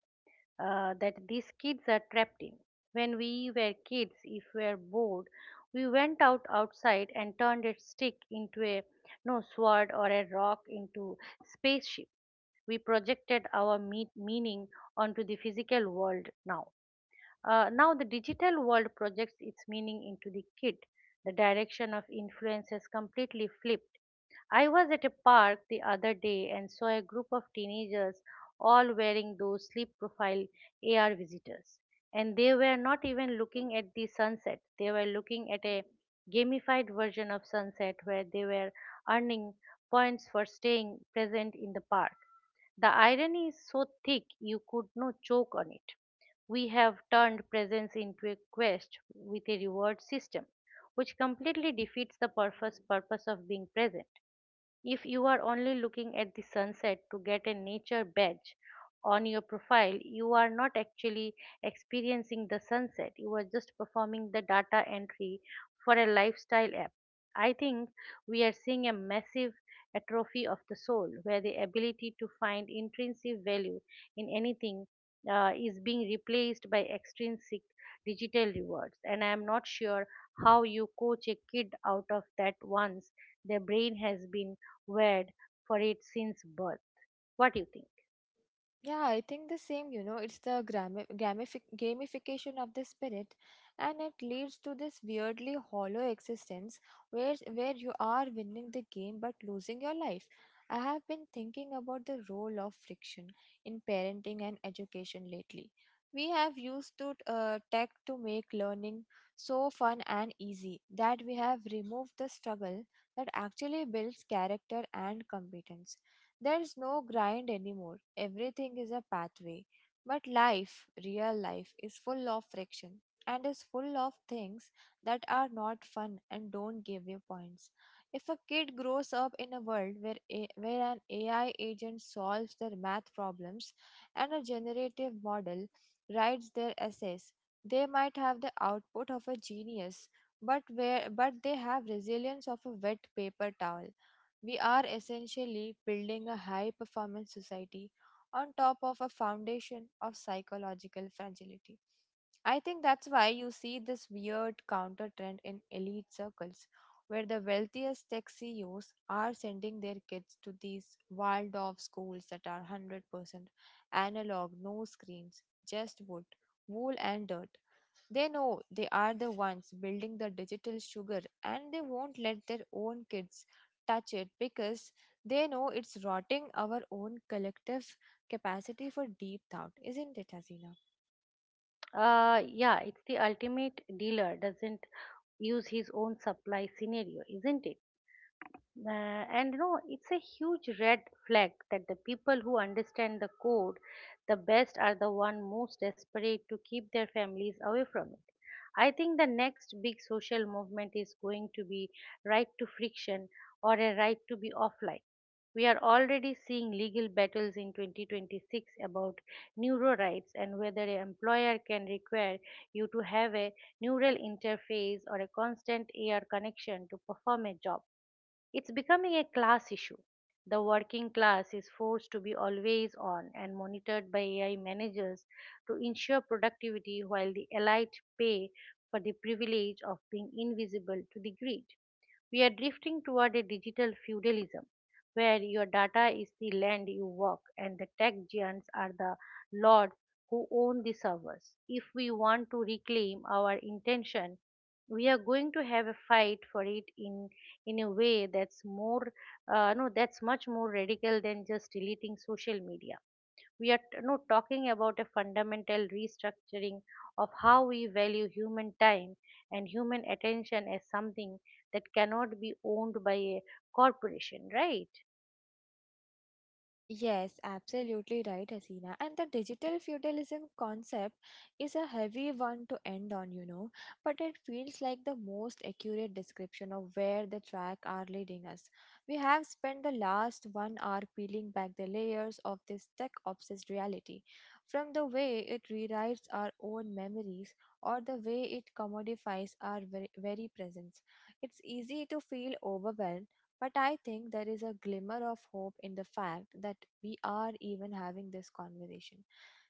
Speaker 1: that these kids are trapped in. When we were kids, if we were bored, we went out outside and turned a stick into a no sword or a rock into spaceship. We projected our meaning onto the physical world now, now, the digital world projects its meaning into the kid. The direction of influence has completely flipped. I was at a park the other day and saw a group of teenagers all wearing those sleep profile AR visitors. And they were not even looking at the sunset, they were looking at a gamified version of sunset where they were earning points for staying present in the park. The irony is so thick you could no choke on it. We have turned presence into a quest with a reward system, which completely defeats the purpose of being present. If you are only looking at the sunset to get a nature badge on your profile, you are not actually experiencing the sunset. You are just performing the data entry for a lifestyle app. I think we are seeing a massive atrophy of the soul where the ability to find intrinsic value in anything is being replaced by extrinsic digital rewards. And I am not sure how you coach a kid out of that once their brain has been weird for it since birth. What do you think?
Speaker 2: Yeah, I think the same, you know, it's the grami gamifi gamification of the spirit, and it leads to this weirdly hollow existence where you are winning the game but losing your life. I have been thinking about the role of friction in parenting and education lately. We have used to tech to make learning so fun and easy that we have removed the struggle that actually builds character and competence. There's no grind anymore. Everything is a pathway. But life, real life, is full of friction and is full of things that are not fun and don't give you points. If a kid grows up in a world where, a, where an AI agent solves their math problems and a generative model writes their essays, they might have the output of a genius, but, where, but they have resilience of a wet paper towel. We are essentially building a high performance society on top of a foundation of psychological fragility. I think that's why you see this weird counter trend in elite circles, where the wealthiest tech CEOs are sending their kids to these wild off schools that are 100% analog, no screens, just wood, wool, and dirt. They know they are the ones building the digital sugar and they won't let their own kids touch it because they know it's rotting our own collective capacity for deep thought, isn't it, Hasina?
Speaker 1: Yeah, it's the ultimate dealer doesn't use his own supply scenario, isn't it? Uh, and no, it's a huge red flag that the people who understand the code the best are the one most desperate to keep their families away from it. I think the next big social movement is going to be right to friction or a right to be offline. We are already seeing legal battles in 2026 about neuro rights and whether an employer can require you to have a neural interface or a constant AR connection to perform a job. It's becoming a class issue. The working class is forced to be always on and monitored by AI managers to ensure productivity, while the elite pay for the privilege of being invisible to the grid. We are drifting toward a digital feudalism where your data is the land you work and the tech giants are the lords who own the servers. If we want to reclaim our intention, we are going to have a fight for it in a way that's more no that's much more radical than just deleting social media. We are, you know, talking about a fundamental restructuring of how we value human time and human attention as something that cannot be owned by a corporation, right?
Speaker 2: Yes, absolutely right, Hasina. And the digital feudalism concept is a heavy one to end on, you know, but it feels like the most accurate description of where the track are leading us. We have spent the last 1 hour peeling back the layers of this tech obsessed reality, from the way it rewrites our own memories or the way it commodifies our very, very presence. It's easy to feel overwhelmed but I think there is a glimmer of hope in the fact that we are even having this conversation.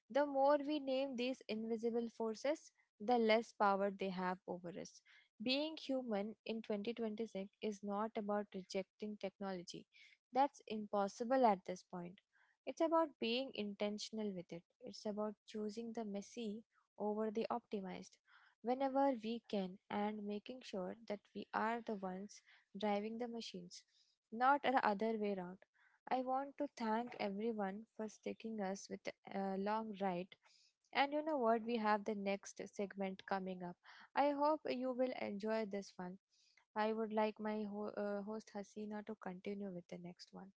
Speaker 2: The more we name these invisible forces, the less power they have over us. Being human in 2026 is not about rejecting technology. That's impossible at this point. It's about being intentional with it. It's about choosing the messy over the optimized whenever we can and making sure that we are the ones driving the machines, not the other way around. I want to thank everyone for sticking us with a long ride. And you know what? We have the next segment coming up. I hope you will enjoy this one. I would like my host Hasina to continue with the next one.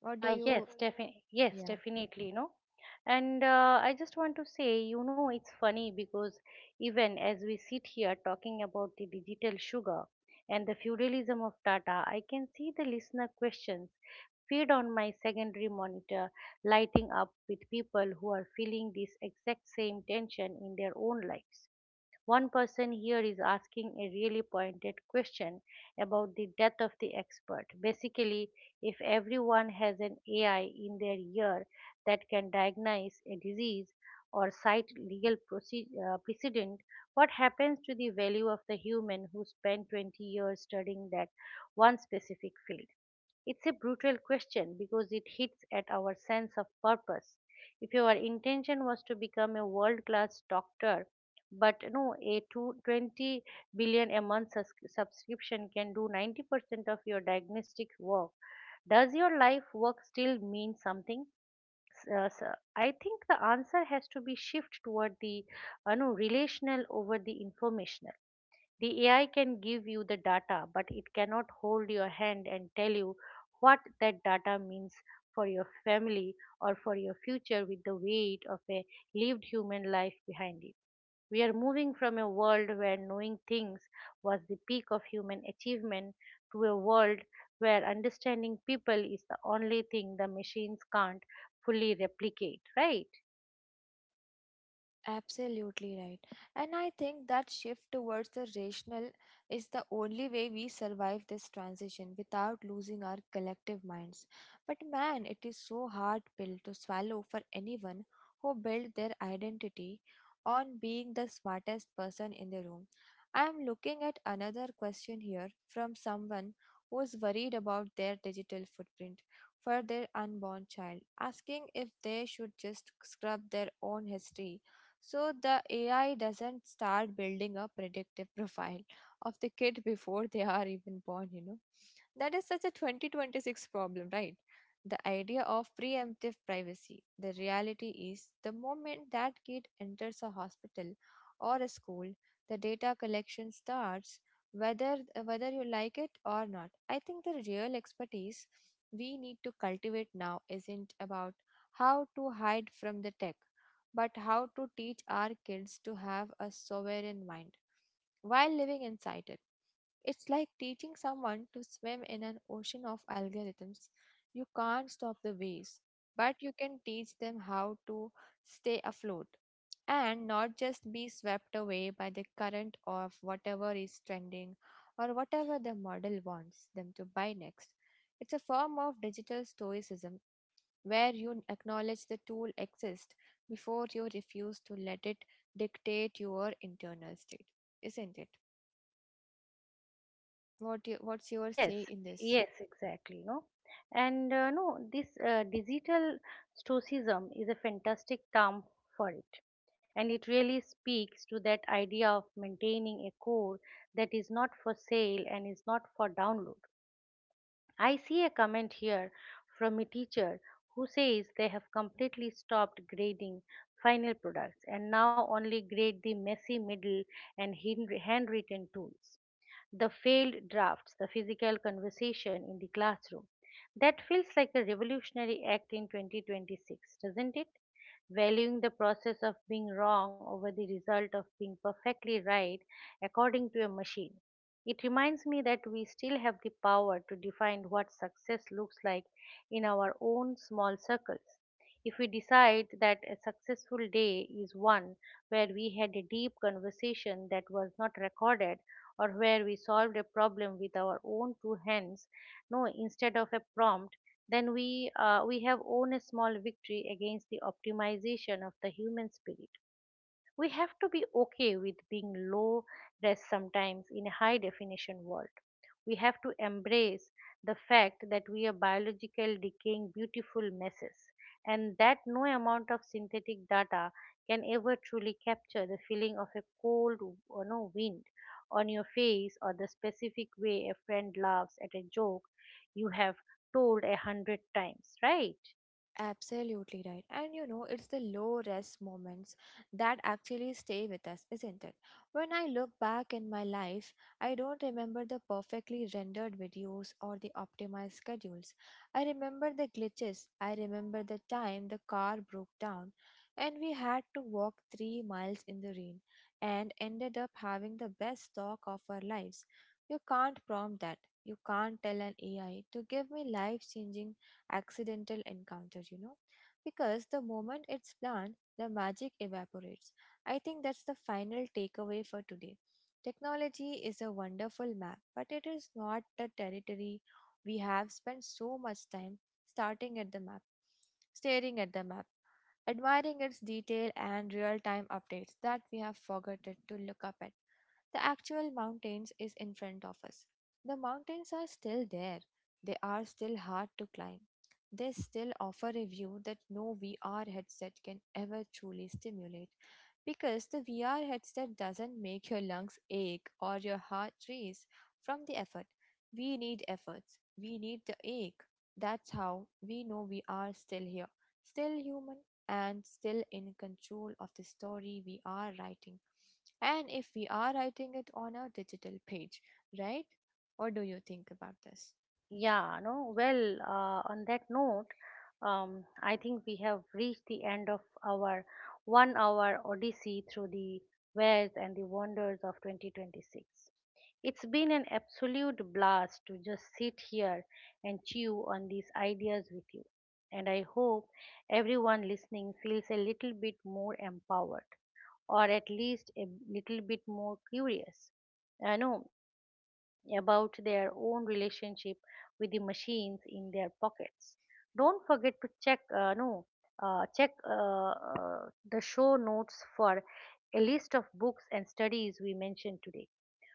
Speaker 2: What do you?
Speaker 1: Yes, definitely. Yes,
Speaker 2: Yeah.
Speaker 1: definitely. You know, and I just want to say, you know, it's funny because even as we sit here talking about the digital sugar and the feudalism of Tata, I can see the listener questions feed on my secondary monitor lighting up with people who are feeling this exact same tension in their own lives. One person here is asking a really pointed question about the death of the expert. Basically, if everyone has an AI in their ear that can diagnose a disease or cite legal precedent, what happens to the value of the human who spent 20 years studying that one specific field? It's a brutal question because it hits at our sense of purpose. If your intention was to become a world class doctor, but no, a 220 billion a month subscription can do 90% of your diagnostic work, does your life work still mean something? I think the answer has to be shift toward the no, relational over the informational. The AI can give you the data, but it cannot hold your hand and tell you what that data means for your family or for your future with the weight of a lived human life behind it. We are moving from a world where knowing things was the peak of human achievement to a world where understanding people is the only thing the machines can't fully replicate, right?
Speaker 2: Absolutely right. And I think that shift towards the rational is the only way we survive this transition without losing our collective minds. But man, it is so hard pill to swallow for anyone who built their identity on being the smartest person in the room. I am looking at another question here from someone who is worried about their digital footprint for their unborn child, asking if they should just scrub their own history so the AI doesn't start building a predictive profile of the kid before they are even born, you know. That is such a 2026 problem, right? The idea of preemptive privacy. The reality is, the moment that kid enters a hospital or a school, the data collection starts, whether whether you like it or not. I think the real expertise we need to cultivate now isn't about how to hide from the tech but how to teach our kids to have a sovereign mind while living inside it. It's like teaching someone to swim in an ocean of algorithms. You can't stop the waves, but you can teach them how to stay afloat and not just be swept away by the current of whatever is trending or whatever the model wants them to buy next. It's a form of digital stoicism where you acknowledge the tool exists before you refuse to let it dictate your internal state, isn't it? What do what's your say
Speaker 1: Yes,
Speaker 2: in this?
Speaker 1: yes, exactly. No, and no, this digital stoicism is a fantastic term for it, and it really speaks to that idea of maintaining a core that is not for sale and is not for download. I see a comment here from a teacher who says they have completely stopped grading final products and now only grade the messy middle and handwritten tools, the failed drafts, the physical conversation in the classroom. That feels like a revolutionary act in 2026, doesn't it? Valuing the process of being wrong over the result of being perfectly right according to a machine. It reminds me that we still have the power to define what success looks like in our own small circles. If we decide that a successful day is one where we had a deep conversation that was not recorded or where we solved a problem with our own two hands, no, instead of a prompt, then we have won a small victory against the optimization of the human spirit. We have to be okay with being low dressed sometimes in a high definition world. We have to embrace the fact that we are biological, decaying, beautiful messes, and that no amount of synthetic data can ever truly capture the feeling of a cold you no, wind on your face or the specific way a friend laughs at a joke you have told a hundred times, right?
Speaker 2: Absolutely right. And you know, it's the low rest moments that actually stay with us, isn't it? When I look back in my life, I don't remember the perfectly rendered videos or the optimized schedules. I remember the glitches. I remember the time the car broke down and we had to walk 3 miles in the rain and ended up having the best talk of our lives. You can't prompt that. You can't tell an AI to give me life changing accidental encounter, you know, because the moment it's planned, the magic evaporates. I think that's the final takeaway for today. Technology is a wonderful map, but it is not the territory we have spent so much time starting at the map, staring at the map, admiring its detail and real time updates that we have forgotten to look up at. The actual mountains is in front of us. The mountains are still there. They are still hard to climb. They still offer a view that no VR headset can ever truly stimulate because the VR headset doesn't make your lungs ache or your heart race from the effort. We need efforts. We need the ache. That's how we know we are still here, still human, and still in control of the story we are writing. And if we are writing it on a digital page, right? What do you think about this?
Speaker 1: Yeah, no, well, on that note, I think we have reached the end of our 1 hour odyssey through the wares and the wonders of 2026. It's been an absolute blast to just sit here and chew on these ideas with you. And I hope everyone listening feels a little bit more empowered or at least a little bit more curious, I know about their own relationship with the machines in their pockets. Don't forget to check no check the show notes for a list of books and studies we mentioned today.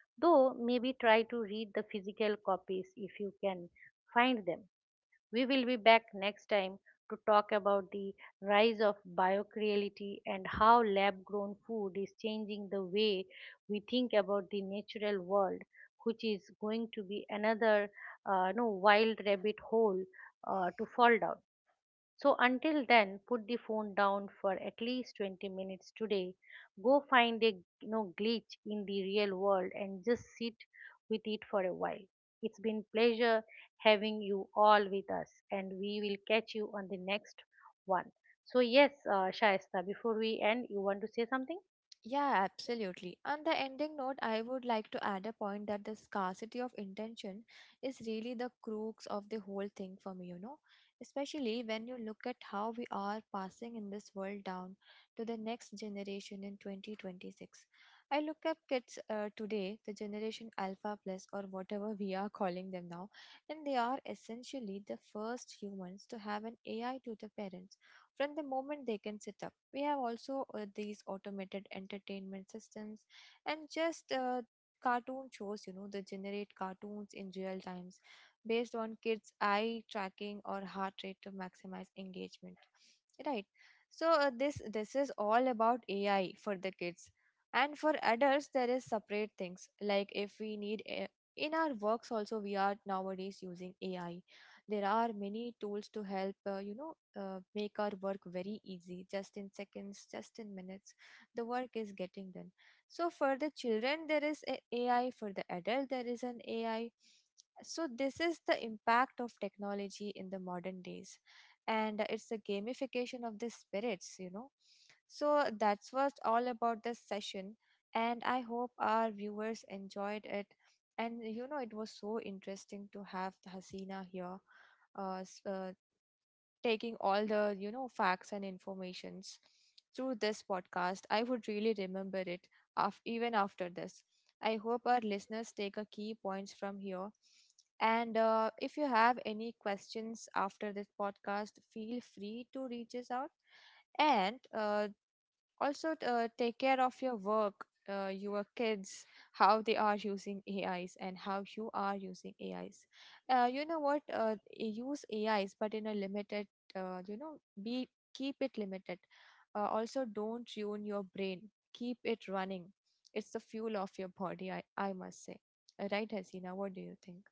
Speaker 1: Though maybe try to read the physical copies if you can find them. We will be back next time to talk about the rise of biocriality and how lab grown food is changing the way we think about the natural world, which is going to be another no, wild rabbit hole to fall down. So until then, put the phone down for at least 20 minutes today. Go find a, you know, glitch in the real world and just sit with it for a while. It's been pleasure having you all with us, and we will catch you on the next one. So yes, Shaista, before we end, you want to say something?
Speaker 2: Yeah, absolutely. On the ending note, I would like to add a point that the scarcity of intention is really the crux of the whole thing for me, you know. Especially when you look at how we are passing in this world down to the next generation in 2026. I look up kids today, the generation Alpha Plus or whatever we are calling them now, and they are essentially the first humans to have an AI tutor parent from the moment they can sit up. We have also these automated entertainment systems and just cartoon shows, you know, they generate cartoons in real times based on kids' eye tracking or heart rate to maximize engagement. Right. So this is all about AI for the kids. And for adults, there is separate things like if we need in our works also we are nowadays using AI. There are many tools to help you know make our work very easy, just in seconds, just in minutes. The work is getting done. So for the children, there is a AI. For the adult, there is an AI. So this is the impact of technology in the modern days, and it's the gamification of the spirits. You know, so that's was all about this session, and I hope our viewers enjoyed it. And you know, it was so interesting to have Hasina here uh, s- uh, taking all the, you know, facts and informations through this podcast, I would really remember it even after this. I hope our listeners take a key points from here. And if you have any questions after this podcast, feel free to reach us out. And also take care of your work your kids how they are using AIs and how you are using AIs you know what use ais but in a limited you know be keep it limited also don't ruin your brain keep it running it's the fuel of your body I must say. Right Hasina, what do you think?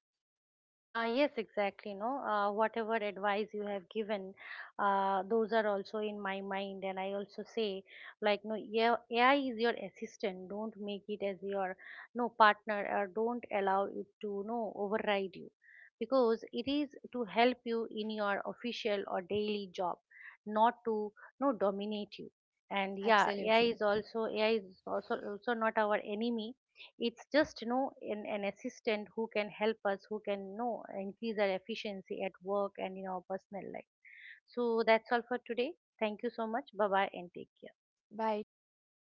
Speaker 1: Yes, exactly. No, whatever advice you have given, those are also in my mind, and I also say, like, no, yeah, AI is your assistant. Don't make it as your no partner, or don't allow it to no override you, because it is to help you in your official or daily job, not to no dominate you. And yeah, AI
Speaker 2: Absolutely.
Speaker 1: is also AI is also not our enemy. It's just, you know, an assistant who can help us, who can, you know, increase our efficiency at work and in our personal life. So that's all for today. Thank you so much. Bye bye and take care.
Speaker 2: Bye, take care.